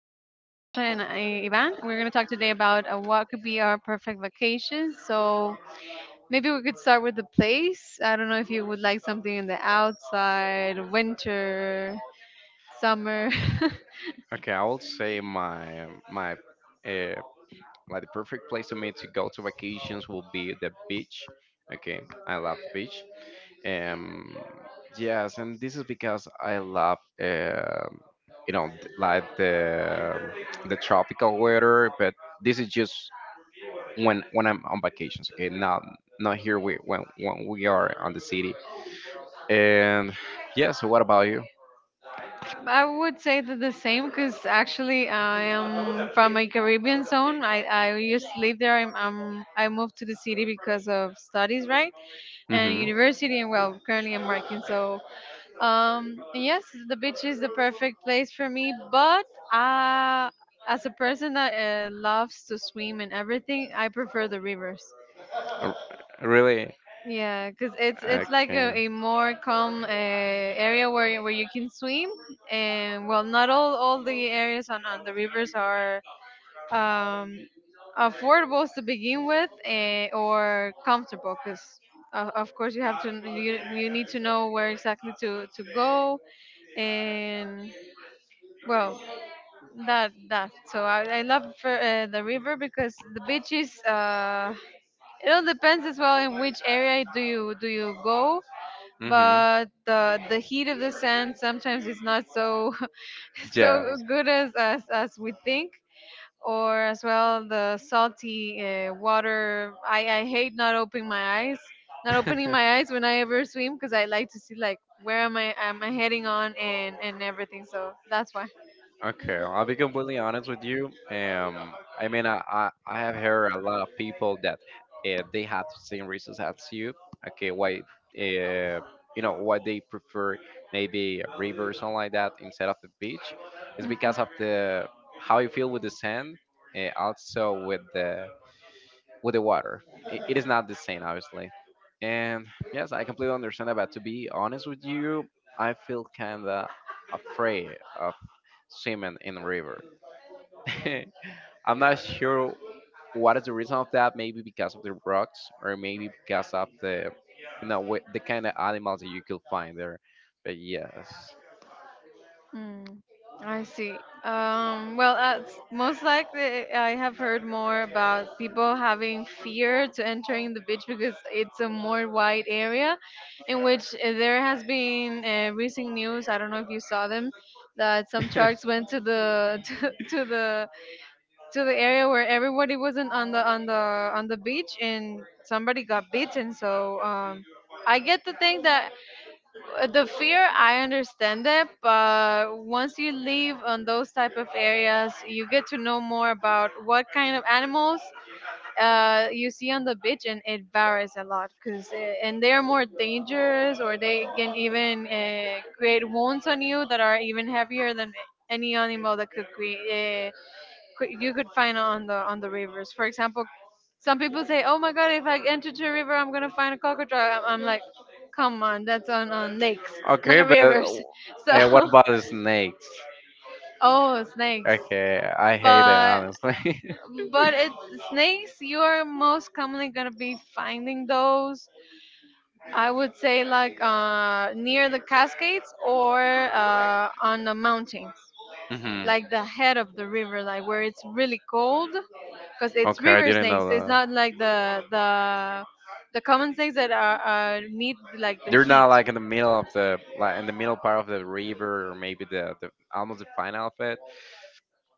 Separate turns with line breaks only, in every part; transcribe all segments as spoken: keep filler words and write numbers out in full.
and I, Ivan. We're going to talk today about uh, what could be our perfect vacation. So maybe we could start with the place. I don't know if you would like something in the outside, winter, summer.
Okay, I will say my my uh, like the perfect place to me to go to vacations will be the beach. Okay, I love the beach. Um, yes, and this is because I love uh, you know th- like the the tropical weather, but this is just when when I'm on vacations. Okay, not not here we, when when we are on the city. And yes, what about you?
I would say that the same because actually I am from a Caribbean zone. I, I used to live there. I'm, I'm, I moved to the city because of studies, right? And
Mm-hmm.
university, and well, currently I'm working. So Um, yes, the beach is the perfect place for me, but uh, as a person that uh, loves to swim and everything, I prefer the rivers.
R- Really?
Yeah, because it's it's like
Okay.
a, a more calm uh, area where where you can swim, and well, not all all the areas on on the rivers are um affordable to begin with, uh, or comfortable, because. Uh, of course, you have to you, you need to know where exactly to, to go, and well, that that so I, I love for, uh, the river because the beach is uh, it all depends as well in which area do you do you go,
Mm-hmm.
but the the heat of the sand sometimes is not so
Yes.
so good as as as we think, or as well the salty uh, water. I I hate not opening my eyes, not opening my eyes when I ever swim, because I like to see like where am I am I heading on, and and everything. So that's why.
Okay, I'll be completely honest with you. Um, I mean, I, I, I have heard a lot of people that uh, they have the same reasons as you. Okay, why, uh, you know, why they prefer maybe a river or something like that instead of the beach is because of the how you feel with the sand, uh, also with the with the water. I- it is not the same, obviously. And yes, I completely understand that. But to be honest with you, I feel kinda afraid of swimming in the river. I'm not sure what is the reason of that. Maybe because of the rocks, or maybe because of the you know wi- the kind of animals that you could find there. But yes.
Hmm. I see. Um, well, uh, s- most likely, I have heard more about people having fear to entering the beach because it's a more wide area, in which uh, there has been uh, recent news. I don't know if you saw them, that some sharks went to the to, to the to the area where everybody wasn't on the on the on the beach, and somebody got bitten. So um, I get to think that uh, the fear I understand it, but once you leave on those type of areas, you get to know more about what kind of animals uh, you see on the beach, and it varies a lot, because and they are more dangerous, or they can even uh, create wounds on you that are even heavier than any animal that could create could- you could find on the on the rivers. For example, some people say, "Oh my God, if I enter to a river, I'm gonna find a cockatoo." I'm, I'm like, "Come on, that's on on lakes,
Okay,
not
but
rivers." So,
uh, what about the snakes?
oh, snakes.
Okay, I hate it
But
honestly.
but it Snakes. You are most commonly gonna be finding those. I would say like uh, near the Cascades or uh, on the mountains,
Hmm.
like the head of the river, like where it's really cold, because it's
Okay, I
river
didn't know
snakes. It's
that.
not like the the the common snakes that are, are need like the
They're not
heat.
like in the middle of the like in the middle part of the river, or maybe the, the almost the final of it.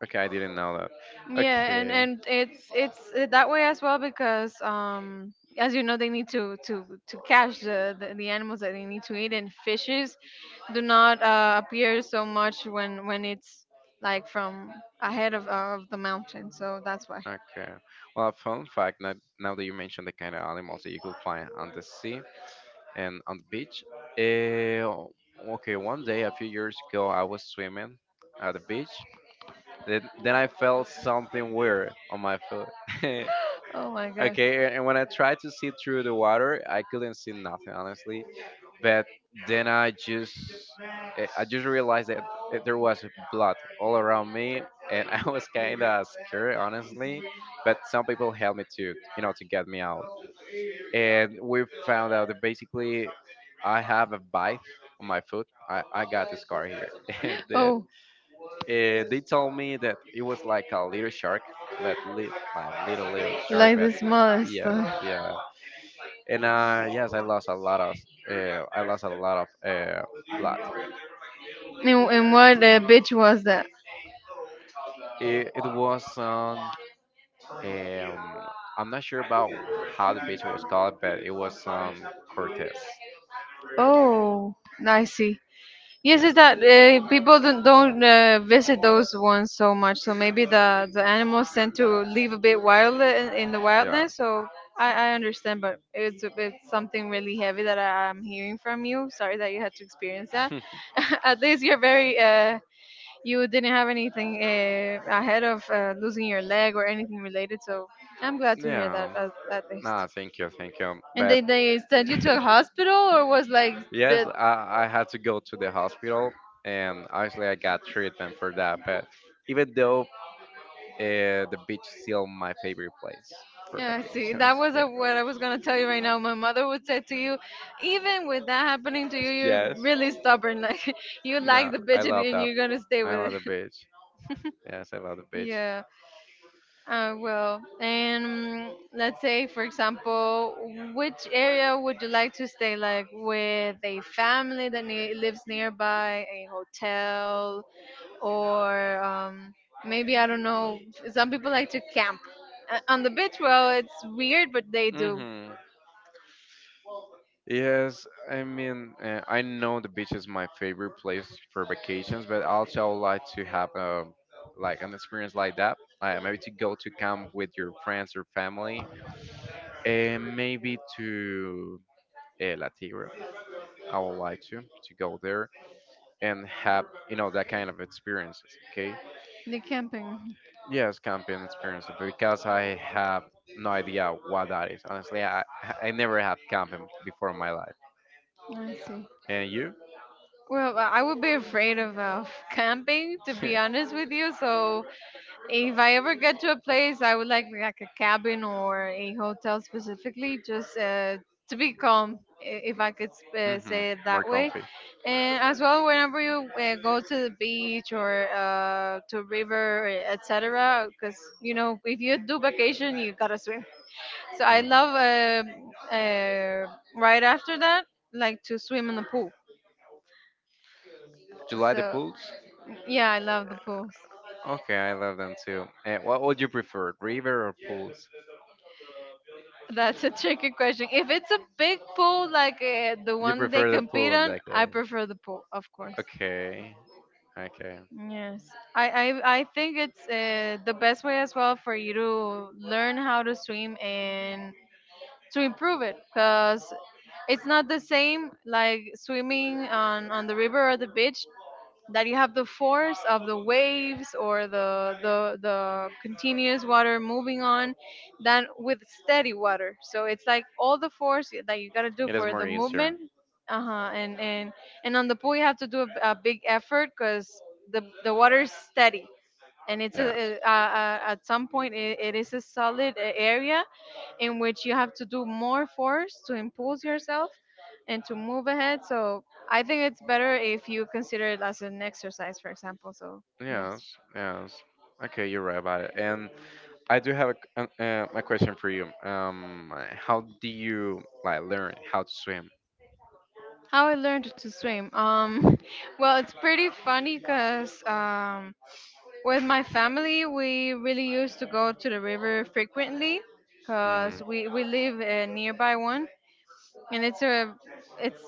Okay, I didn't know that.
Yeah, and
Okay.
and it's it's uh, that way as well because um as you know, they need to to to catch the the, the animals that they need to eat, and fishes do not uh, appear so much when when it's like from ahead of of the mountain. So that's why.
Okay. Well, a fun fact, now, now that you mentioned the kind of animals that you could find on the sea and on the beach, eh, okay, one day a few years ago, I was swimming at the beach. Then, then I felt something weird on my foot.
Oh my god.
Okay, and when I tried to see through the water, I couldn't see nothing, honestly. But then I just, eh, I just realized that eh, there was blood all around me, and I was kind of scared, honestly. But some people helped me to, you know, to get me out. And we found out that basically, I have a bite on my foot. I, I got this scar here, and uh,
Oh,
uh, they told me that it was like a little shark, but li- my little little shark.
like the
But
smallest.
yeah,
Uh,
yeah. And uh, yes, I lost a lot of uh, I lost a lot of uh, blood.
In, in what uh, beach was that?
It, it was on. Um, I'm not sure about how the beach was called, but it was um Cortez.
Oh, I see. Yes,
Yeah,
it's that uh, people don't, don't uh, visit those ones so much. So maybe the, the animals tend to live a bit wild in, in the
yeah.
wildness. So I, I understand, but it's, a- it's something really heavy that I, I'm hearing from you. Sorry that you had to experience that. At least you're very uh, you didn't have anything uh, ahead of uh, losing your leg or anything related. So I'm glad to hear that
Yeah.
at, at least.
No, thank you, thank you.
And they
But
they sent you to a hospital, or was like
yes,
the
I, I had to go to the hospital, and actually I got treatment for that. But even though uh, the beach is still my favorite place for
yeah. See,
vacations.
that was
Yeah.
uh, what I was gonna tell you right now. My mother would say to you, even with that happening to you, you're
Yes.
really stubborn. Like you like
No,
the
I
bitch, and,
love
and
that.
you're gonna stay
I
with
love the
it.
beach. Yes, I love the beach.
Yeah. Uh, well, and mm, let's say, for example, which area would you like to stay? Like with a family that ne- lives nearby, a hotel, or um, maybe I don't know. Some people like to camp uh, on the beach. Well, it's weird, but they do.
Mm-hmm. Yes, I mean, uh, I know the beach is my favorite place for vacations, but also I would like to have um like an experience like that. Uh, maybe to go to camp with your friends or family, and maybe to uh, La Tigra. I would like to to go there and have you know that kind of experiences. Okay.
The camping.
Yes, camping experience because I have no idea what that is. Honestly, I I never had camping before in my life.
I see.
And you?
Well, I I would be afraid of uh, camping, to be honest with you. So if I ever get to a place, I would like like a cabin or a hotel specifically, just uh, to be calm, i- if I could sp- uh, say
Hmm.
it that
More
way.
comfy.
And as well, whenever you uh, go to the beach or uh, to a river, etcetera, because you know, if you do vacation, you gotta swim. So I
Hmm.
love uh, uh, right after that, like to swim in the pool.
Do you like the
So
pools?
yeah, I love the pool.
Okay, I love them too. And what would you prefer, river or pools?
That's a tricky question. If it's a big pool like uh, the
You
one they
prefer the pool
compete
in
on,
that
I
case.
prefer the pool, of course.
Okay, okay.
Yes, I I, I think it's uh, the best way as well for you to learn how to swim and to improve it, because it's not the same like swimming on on the river or the beach, that you have the force of the waves or the the the continuous water moving on, than with steady water. So it's like all the force that you got to do
It is
for
more
the
easier.
movement. Uh-huh, and and and on the pool you have to do a, a big effort because the the water is steady, and it's
Yes.
a, a, a, at some point it, it is a solid a- area in which you have to do more force to impulse yourself and to move ahead. So I think it's better if you consider it as an exercise, for example. So, yes.
Yes, yes. Okay, you're right about it. And I do have a, c- an- uh, a question for you. Um, how do you like learn how to swim?
How I learned to swim. Um, well, it's pretty funny because um, with my family, we really used to go to the river frequently
Mm-hmm.
because we, we live a nearby one. And it's a, it's,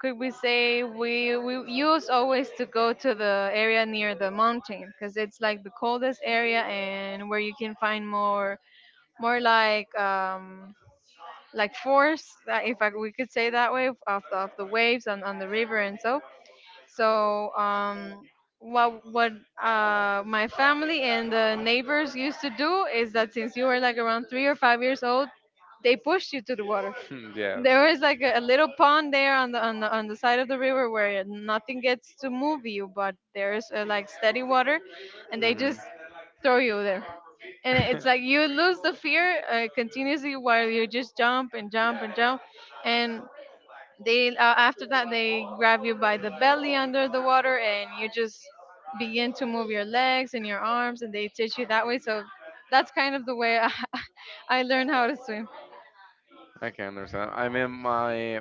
could we say, we, we used always to go to the area near the mountain because it's like the coldest area, and where you can find more, more like, um, like force, that if I, we could say that way, of, of the, of the waves on, on the river. And so so um what what uh My family and the neighbors used to do is that since you were like around three or five years old, they pushed you to the water.
Yes.
There is like a, a little pond there on the, on the on the side of the river, where nothing gets to move you, but there's uh, like steady water, and they
Mm-hmm.
just throw you there, and it- it's like you lose the fear uh, continuously while you just jump and jump and jump, and they uh, after that they grab you by the belly under the water, and you just begin to move your legs and your arms, and they teach you that way. So that's kind of the way I, I learned how to swim.
I can understand. I mean, my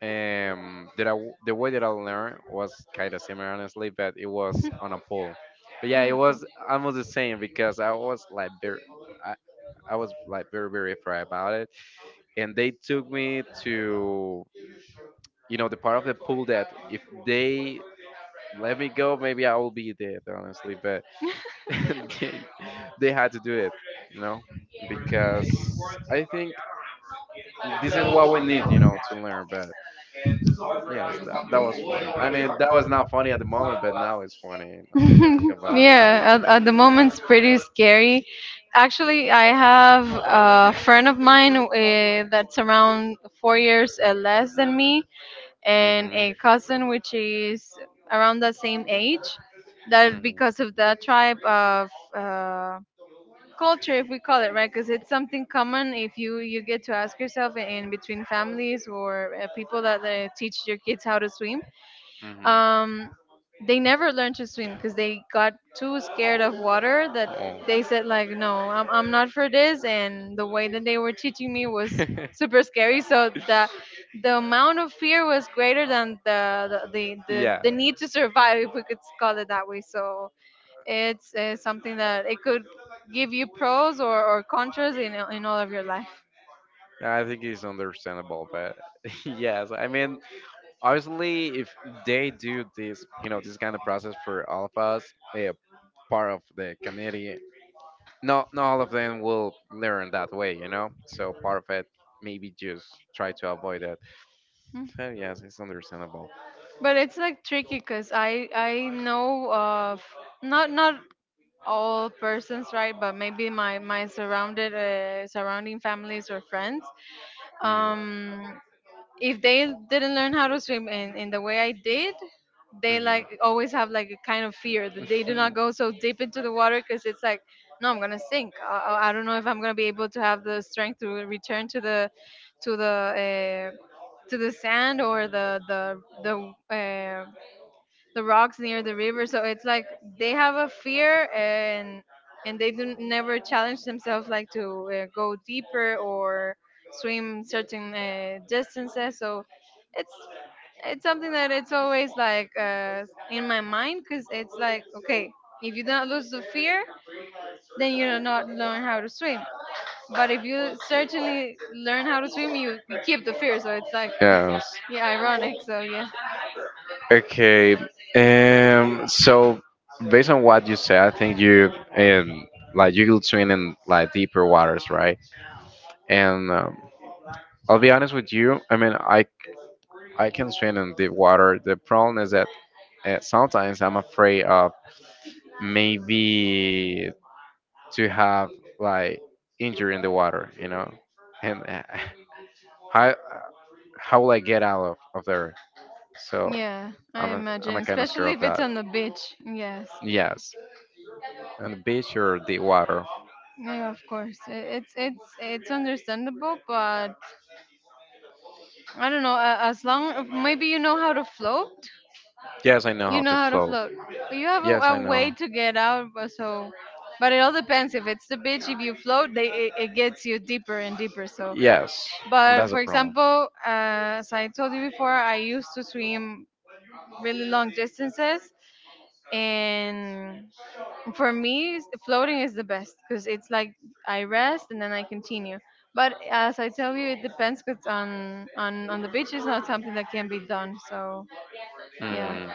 Um, that I w the way that I learned was kind of similar, honestly, but it was on a pole. But yeah, it
Yeah, cool.
was almost the same because I was like very, I, I was like very very afraid about it, and they took me to you know the part of the pool that if they let me go, maybe I will be dead, honestly. But they, they had to do it, you know, because I think this is what we need, you know, to learn. But yes, that that was funny. I mean, that was not funny at the moment, but now it's funny. You know, think about it.
Yeah, at, at the moment it's pretty scary. Actually, I have a friend of mine uh, that's around four years uh, less than me, and
Mhm.
a cousin which is around the same age. That
Mhm.
because of that type of uh, culture, if we call it right, because it's something common. If you you get to ask yourself in between families or uh, people that uh, teach your kids how to swim,
Mhm.
um, they never learned to swim because they got too scared of water, that
Oh.
they said like no, I'm, I'm not for this. And the way that they were teaching me was super scary, so the the amount of fear was greater than the the, the, the, the
Yeah.
need to survive, if we could call it that way. So it's uh, something that it could give you pros or, or contras in, in all of your life.
I think it's understandable, but yes, I mean obviously if they do this you know this kind of process for all of us, a part of the community, not not all of them will learn that way, you know so part of it maybe just try to avoid it,
Mm.
so yes, it's understandable.
But it's like tricky, because I I know of not not all persons, right, but maybe my my surrounded uh, surrounding families or friends,
Mm,
um if they didn't learn how to swim in, in the way I did, they
mhm.
like always have like a kind of fear, that they do not go so deep into the water, because it's like no, I'm gonna sink. I, I I don't know if I'm gonna be able to have the strength to return to the to the uh, to the sand, or the the the uh, the rocks near the river. So it's like they have a fear, and and they do never challenge themselves like to uh, go deeper or swim certain uh, distances. So it's it's something that it's always like uh, in my mind, because it's like, okay, if you don't lose the fear, then you do not learn how to swim. But if you certainly learn how to swim, you, you keep the fear. So it's like
Yes.
yeah, ironic. So yeah.
Okay. Um. So, based on what you said, I think you um like you could swim in like deeper waters, right? And um, I'll be honest with you. I mean, I I can swim in deep water. The problem is that uh, sometimes I'm afraid of maybe to have like injury in the water, you know. And I how will I get out of, of there? So
Yeah, I
I'm a, I'm
imagine,
a kind of scared
especially
of
if it's
that.
on the beach. Yes.
Yes, and the beach or the water.
Yeah, of course. I- It's it's it's understandable, but I don't know. a- As long maybe you know how to float,
Yes, I know how
you know
to
how to
float.
float. You have
Yes, I
a, a
know.
way to get out, but so. But it all depends. If it's the beach, if you float, they it, it gets you deeper and deeper. So,
Yes,
but
that's a
for
problem.
example, uh, as I told you before, I used to swim really long distances, and for me s- floating is the best because it's like I rest and then I continue. But as I tell you, it depends, because on on on the beach is not something that can be done. So yeah.
Hmm.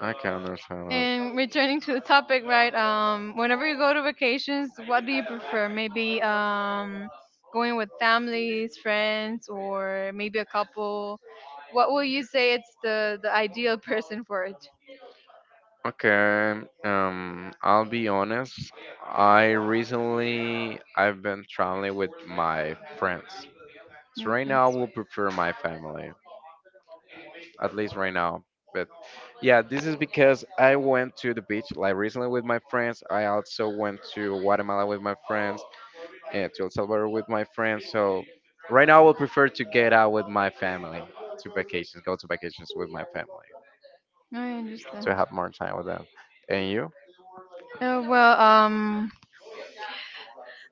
I can understand that.
And returning to the topic, right? Um whenever you go to vacations, what do you prefer? Maybe um going with families, friends, or maybe a couple? What will you say it's the the ideal person for it?
Okay, um, I'll be honest. I recently I've been traveling with my friends. So right
Okay,
now I will prefer my family, at least right now. But yeah, this is because I went to the beach like recently with my friends. I also went to Guatemala with my friends and to El Salvador with my friends. So right now I would prefer to get out with my family to vacations, go to vacations with my family
I
to
understand.
have more time with them. And you?
Oh, well, um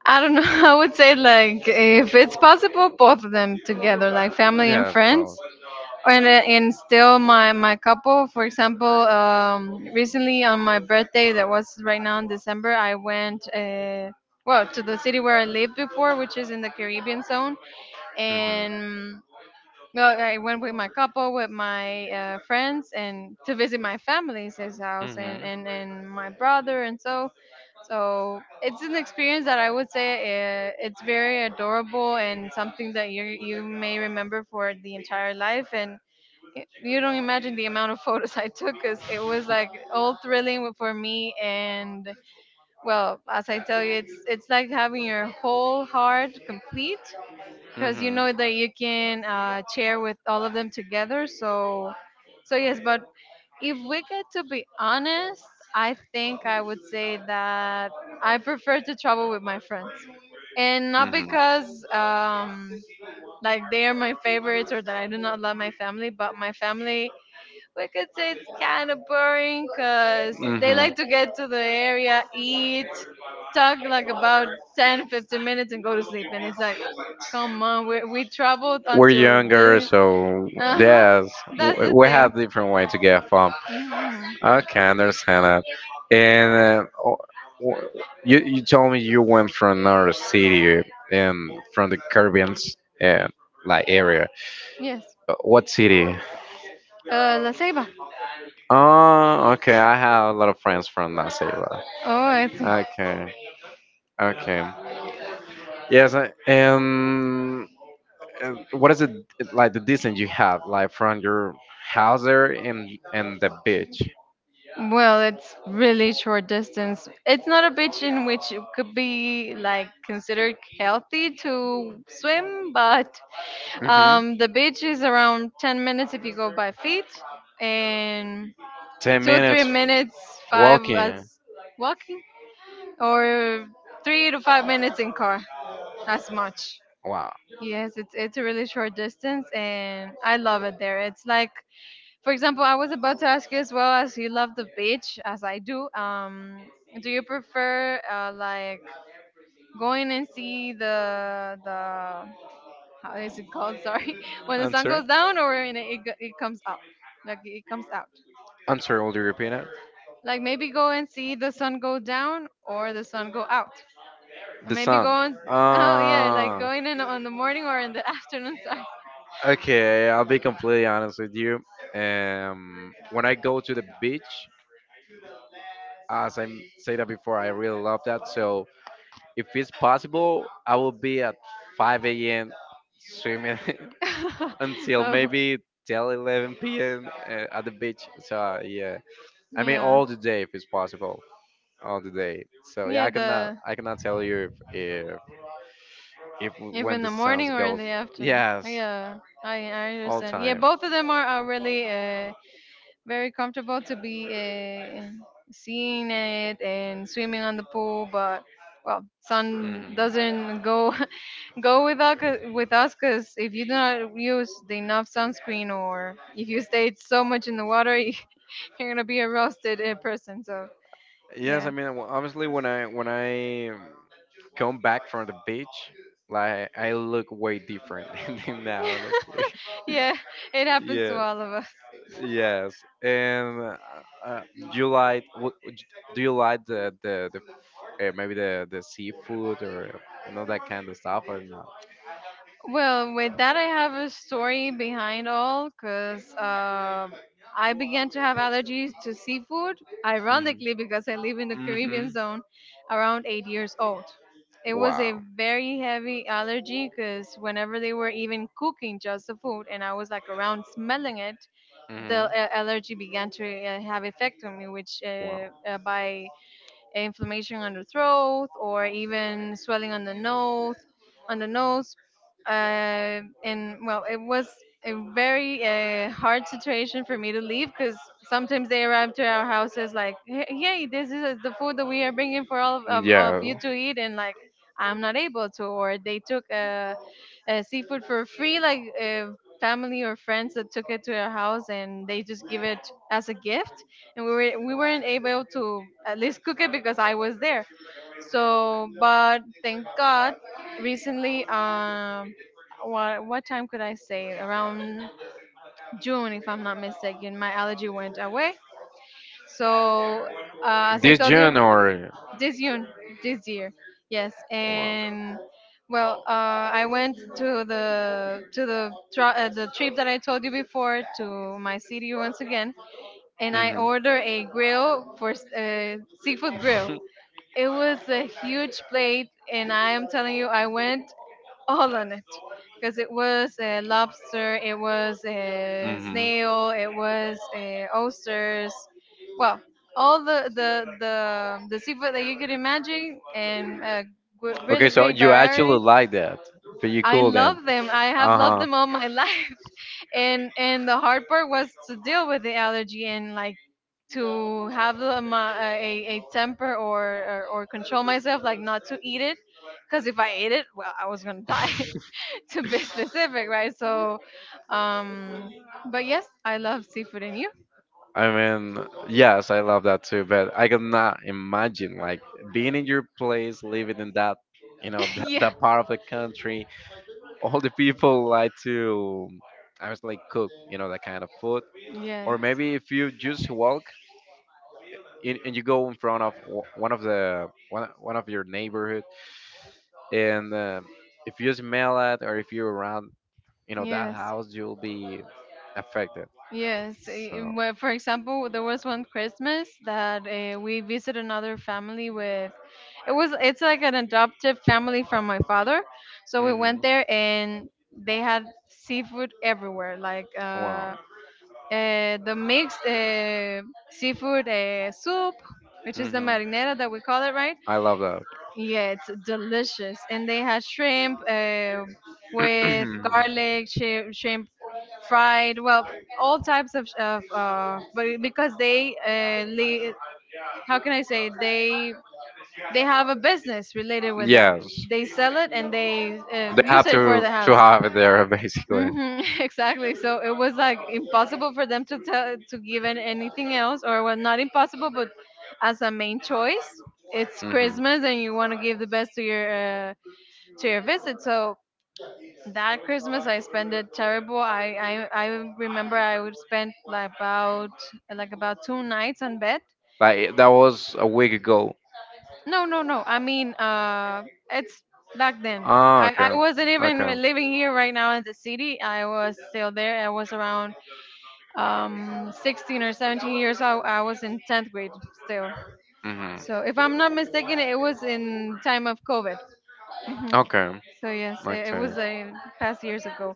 I don't know. I would say, like, if it's possible, both of them together, like family and
Yeah, yes,
friends,
well.
and uh, and still my my couple. For example, um, recently on my birthday, that was right now in December, I went. Uh, well, to the city where I lived before, which is in the Caribbean zone,
Hmm.
and well, I went with my couple, with my uh, friends, and to visit my family's his house, and,
Hmm.
and, and my brother and so. So it's an experience that I would say uh, it's very adorable, and something that you you may remember for the entire life. And y- you don't imagine the amount of photos I took, because it was like all thrilling for me. And well, as I tell you, it's it's like having your whole heart complete, because you know that you can uh, share with all of them together. So, so yes. But if we get to be honest, I think I would say that I prefer to travel with my friends, and not
Hmm.
because um, like they are my favorites or that I do not love my family, but my family, we could say it's kind of boring, because they
Hmm.
like to get to the area, eat, talk like about ten, fifteen minutes, and go to sleep. And it's like,
Hmm.
come on, we we traveled
We're
until
younger,
this.
so
Uh huh.
yes,
That's
w-
the
we have
thing.
different way to get fun.
Hmm.
Okay, I understand that. And uh, o- w- you you told me you went from another city and from the Caribbean uh, like area.
Yes.
Uh, What city?
Uh, La Ceiba.
Oh, okay. I have a lot of friends from that city. but-
Oh, I see.
Okay, okay. Yes, I, and uh, what is it like the distance you have like from your house there and and the beach.
Well, it's really short distance. It's not a beach in which it could be like considered healthy to swim, but
Hmm.
um, the beach is around ten minutes if you go by feet, and
ten
two, three
minutes
minutes, five as
walking.
walking, or three to five minutes in car, as much.
Wow.
Yes, it's it's a really short distance, and I love it there. It's like, for example, I was about to ask you, as well as you love the beach as I do. Um, do you prefer uh, like going and see the the how is it called? Sorry, when the sun
answer
goes down or when it go- it comes up, like it comes out.
answer will you repeat it?
Like maybe go and see the sun go down or the sun go out. And
The
maybe go
sun.
on. Oh yeah, like
uh
going in on the morning or in the afternoon. Sorry.
okay, I'll be completely honest with you. um when I go to the beach, as I m- said that before, I really love that. So if it's possible, I will be at five a m swimming, until
Oh,
maybe till eleven p m uh, at the beach. So yeah, I mean
yeah.
all the day if it's possible, all the day. So yeah,
Yeah,
I cannot,
the
I cannot tell you if if, if
if
when
in
the
the
sun
morning or in
goes.
the afternoon.
Yes,
Yeah, I I
all
understand. Yeah,
time.
both of them are, are really uh, very comfortable to be uh, seeing it and swimming on the pool. But well, sun
Hmm.
doesn't go go with us with us, because if you do not use the enough sunscreen or if you stayed so much in the water, you're gonna be a roasted uh, person. So
Yes, I
yeah.
mean w- obviously when I when I um, come back from the beach, like I look way different than now, honestly.
Yeah, it happens to
Yeah,
all of us.
yes. And uh, uh, do you like? wh- Do you like the the, the uh, maybe the the seafood or uh, you know that kind of stuff or not?
Well, with that, I have a story behind all, because um I began to have allergies to seafood, ironically, because I live in the
Hmm. Hmm.
Caribbean zone around eight years old. It was a
Wow.
very heavy allergy, because whenever they were even cooking just the food and I was like around smelling it, the
Hmm.
uh, allergy began to uh, have effect on me, which
Wow.
uh, uh, by inflammation on the throat or even swelling on the nose on the nose uh, and well, it was a very uh, hard situation for me to leave, because sometimes they arrive to our houses like, hey hey, this is the food that we are bringing for all of, of, of
Yeah.
you to eat, and like I'm not able to. Or they took uh, uh, seafood for free, like uh, family or friends that took it to their house and they just give it as a gift, and we were we weren't able to at least cook it because I was there. So, but thank God, recently, um, what what time could I say? Around June, if I'm not mistaken, my allergy went away. So, uh, as I
This
told
June
you,
or
this June, this year, yes,
wow.
and. Well, uh, I went to the to the tra- uh, the trip that I told you before to my city once again, and I
Hmm.
ordered a grill for s- uh, seafood grill. It was a huge plate, and I am telling you, I went all on it, because it was a lobster, it was a snail, it was a oysters, well, all the the the, the seafood that you could imagine, and a gr-
Okay,
really
so
great
you
variety.
actually like that, but you
I
couldn't.
love them. I have
Uh
loved
huh.
them all my life, and and the hard part was to deal with the allergy, and like to have a, ma- a, a temper, or, or, or control myself, like not to eat it. Because if I ate it, well, I was going to die, to be specific, right? So, um, but yes, I love seafood, and you.
I mean, yes, I love that too, but I could not imagine like being in your place, living in that, you know, that,
Yeah.
that part of the country. All the people like to, I was like cook, you know, that kind of food. Or
Yes.
maybe if you just walk and, and you go in front of w- one of the one, one of your neighborhood and um if you smell it or if you're around you know that
Yes.
house you'll be affected,
Yes, eh, eh,
so.
well, for example, there was one Christmas that uh, we visited another family with. It was it's like an adoptive family from my father, so we went
Hmm.
there and they had seafood everywhere, like
Wow.
uh, uh, the mixed uh, seafood uh, soup, which is the
Hmm.
marinara that we call it, right?
I love
Yeah, it's delicious. And they had shrimp uh,
that.
with garlic, shrimp, shrimp fried. Well, all types of, of uh, but because they, uh, le- how can I say, they they have a business related with that.
Yes,
They sell it and they uh,
they
use
have
it for
to
the
to
house.
have it there basically.
Hmm. Exactly. So it was like impossible for them to tell to give in anything else, or well, not impossible, but as a main choice, it's
Hmm.
Christmas, and you want to give the best to your uh, to your visit. So that Christmas, I spent it terrible. I I, I remember I would spend like about like about two nights on bed.
Like that was a week ago.
No, no, no. I mean, uh, it's back then.
Ah,
I, I
okay,
wasn't even
okay.
living here right now in the city. I was still there. I was around um sixteen or seventeen years old. I was in tenth grade still.
Hmm.
So if I'm not mistaken, it was in time of COVID. Hmm.
Okay,
So yes, it, it
okay,
was a past years ago,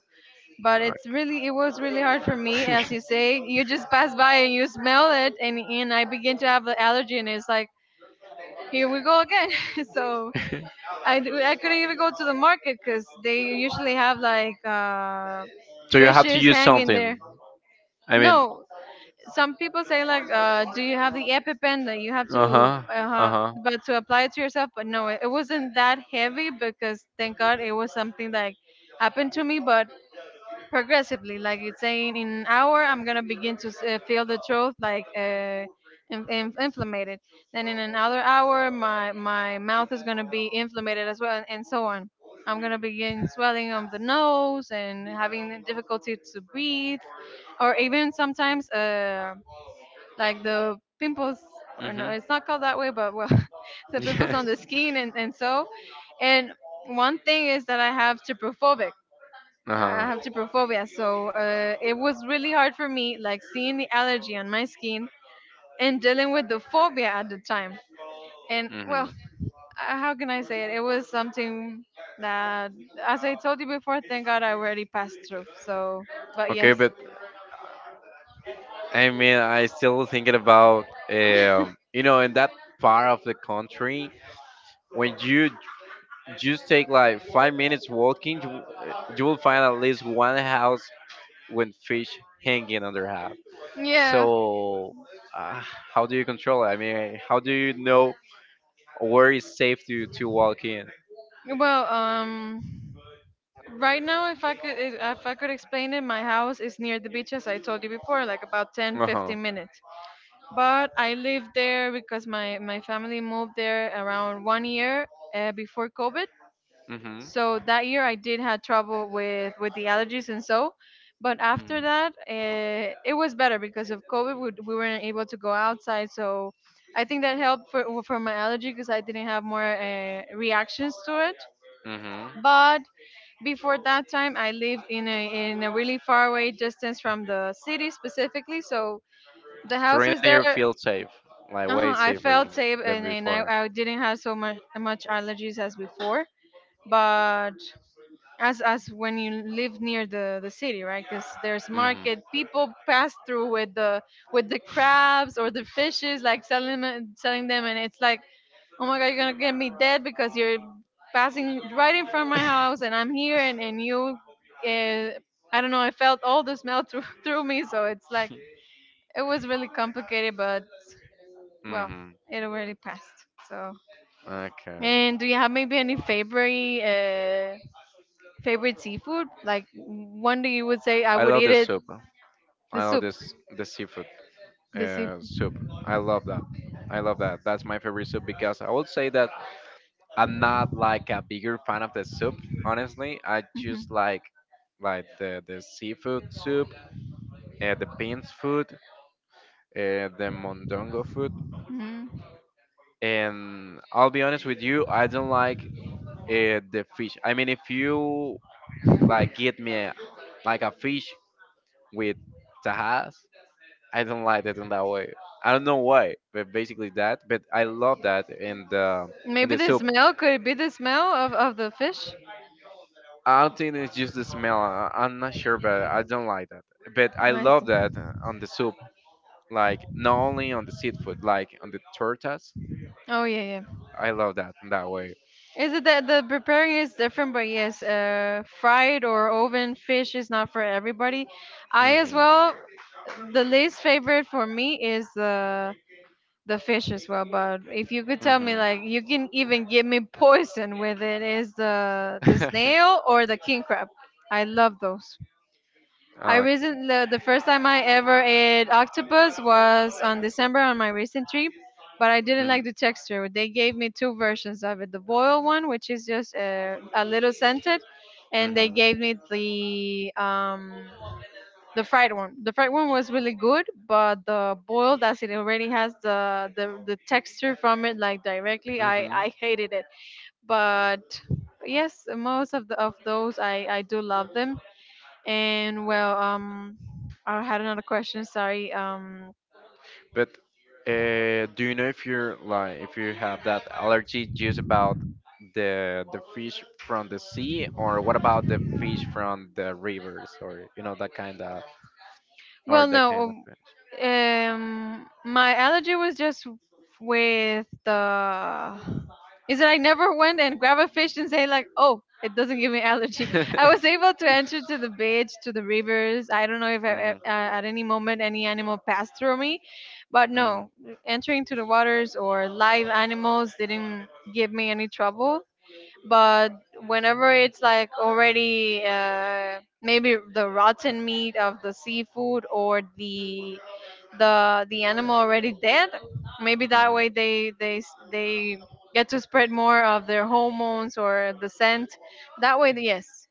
but
okay.
it's really it was really hard for me. As you say, you just pass by and you smell it, and and I begin to have the allergy, and it's like, here we go again. So I do- I couldn't even go to the market, because they usually have like uh
So you have to
fishes
use
hanging
something.
there.
I mean,
No, some people say like, uh, do you have the epipen that you have
uh
to
huh, uh
uh,
huh.
but to apply it to yourself? But no, it, it wasn't that heavy, because thank God it was something that happened to me, but progressively, like it's saying, in an hour I'm gonna begin to s- uh, feel the throat like uh, in, in, inflamed, then in another hour my my mouth is gonna be inflamed as well, and so on. I'm gonna begin swelling of the nose and having difficulty to breathe, or even sometimes uh, like the pimples, or no,
Mhm.
it's not called that way, but well, the pimples on
Yes.
the skin, and, and so and one thing is that I have trypophobic,
Uh
I
huh.
have trypophobia. So uh, it was really hard for me, like seeing the allergy on my skin and dealing with the phobia at the time. And well,
Mhm.
uh, how can I say it, it was something that, as I told you before, thank God I already passed through. So but
Okay,
yes.
but I mean, I still thinking about um, you know, in that part of the country, when you just take like five minutes walking, you, uh, you will find at least one house with fish hanging on their house.
Yeah.
So, uh, how do you control it? I mean, how do you know where is safe to to walk in?
Well, um right now, if I could, if if I could explain it, my house is near The beach, as I told you before, like about ten,
Uh huh.
fifteen minutes. But I lived there because my my family moved there around one year uh, before COVID.
Mhm.
So that year, I did had trouble with with the allergies and so. But after
Mhm.
that, uh, it was better because of COVID, we, we weren't able to go outside. So I think that helped for for my allergy because I didn't have more uh, reactions to it,
Mhm.
but before that time, I lived in a in a really far away distance from the city specifically. So the
So right
houses
now
there,
you feel safe, like way
uh I felt
safer
safe
than
and, and I,
before.
I didn't have so much much allergies as before. But as as when you live near the the city, right? Because there's
Hmm.
market, people pass through with the with the crabs or the fishes, like selling them- selling them, and it's like, oh my god, you're gonna get me dead because you're passing right in front of my house and I'm here and, and you, uh, I don't know, I felt all the smell through, through me. So it's like, it was really complicated, but well,
Hmm.
it already passed. So,
Okay.
and do you have maybe any favorite, uh, favorite seafood? Like one that you would say I
I
would
love
eat
this
it,
soup.
the
I love
soup,
this the seafood
the
uh,
seafood.
soup. I love that. I love that. That's my favorite soup because I would say that I'm not like a bigger fan of the soup, honestly. I just
Hmm.
like like the, the seafood soup, uh, the beans food, uh, the mondongo food.
Hmm.
And I'll be honest with you, I don't like uh, the fish. I mean, if you like get me a, like a fish with tahas, I don't like it in that way. I don't know why, but basically that. But I love that in the in
Maybe
the
the
soup.
smell, could it be the smell of, of the fish?
I don't think it's just the smell. I, I'm not sure, but I don't like that. But I
I
love
see.
that uh, on the soup, like not only on the seafood, like on the tortas.
Oh yeah, yeah.
I love that in that way.
Is it that the preparing is different? But yes, uh, fried or oven fish is not for everybody. I as
Hmm.
well. The least favorite for me is the the fish as well. But if you could tell me,
Hmm.
like, you can even give me poison with it, is the the snail or the king crab? I love those. I
Okay.
recent the, the first time I ever ate octopus was on December on my recent trip, but I didn't
Hmm.
like the texture. They gave me two versions of it: the boiled one, which is just uh, a little scented, and they
Hmm.
gave me the um, the fried one. The fried one was really good, but the boiled, as it already has the the, the texture from it, like directly, I
Hmm.
I hated it. But yes, most of the of those I I do love them and well, um, I had another question. Sorry. Um,
Uh, do you know if you're like if you have that allergy just about the the fish from the sea, or what about the fish from the rivers, or you know that kind of or
well,
that
no.
kind of
Um,
thing?
um, my allergy was just with the. Is that I never went and grab a fish and say like, oh, it doesn't give me allergy. I was able to enter to the beach, to the rivers. I don't know if I, uh,
Hmm.
at any moment any animal passed through me, but
Hmm.
no, entering to the waters or live animals didn't give me any trouble, but whenever it's like already uh, maybe the rotten meat of the seafood or the the the animal already dead, maybe that
Hmm.
way they they s- they get to spread more of their hormones or the scent that way, yes,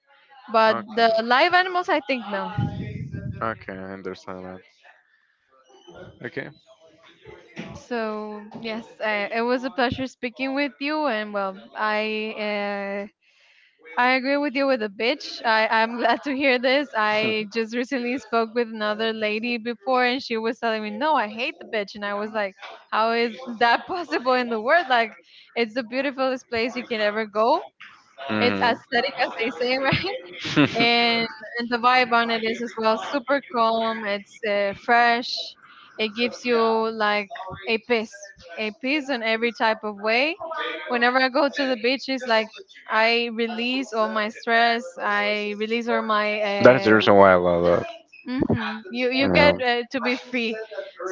but
Okay.
the live animals I think no.
Okay, I understand that. Okay.
So yes, uh, it was a pleasure speaking with you and well i uh, I agree with you with a bitch. I, I'm glad to hear this. I just recently spoke with another lady before and she was telling me, no, I hate the bitch. And I was like, how is that possible in the world? Like, it's the beautifulest place you can ever go. It's
Hmm.
aesthetic as they say, right? and and the vibe on it is as well super calm. It's uh, fresh. It gives you like a peace, a peace in every type of way. Whenever I go to the beach, it's like I release all my stress. I release all my.
That is the
Uh,
reason why I love it.
hmm. You you
You
get
know.
uh, to be free.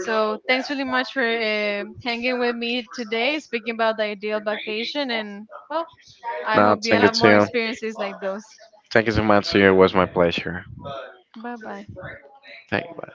So thanks really much for uh, hanging with me today, speaking about the ideal vacation, and well, I
No,
hope you
thank you
have
to
more
you.
experiences like those.
Thank you so much to you. It was my pleasure.
Bye bye.
Thank you.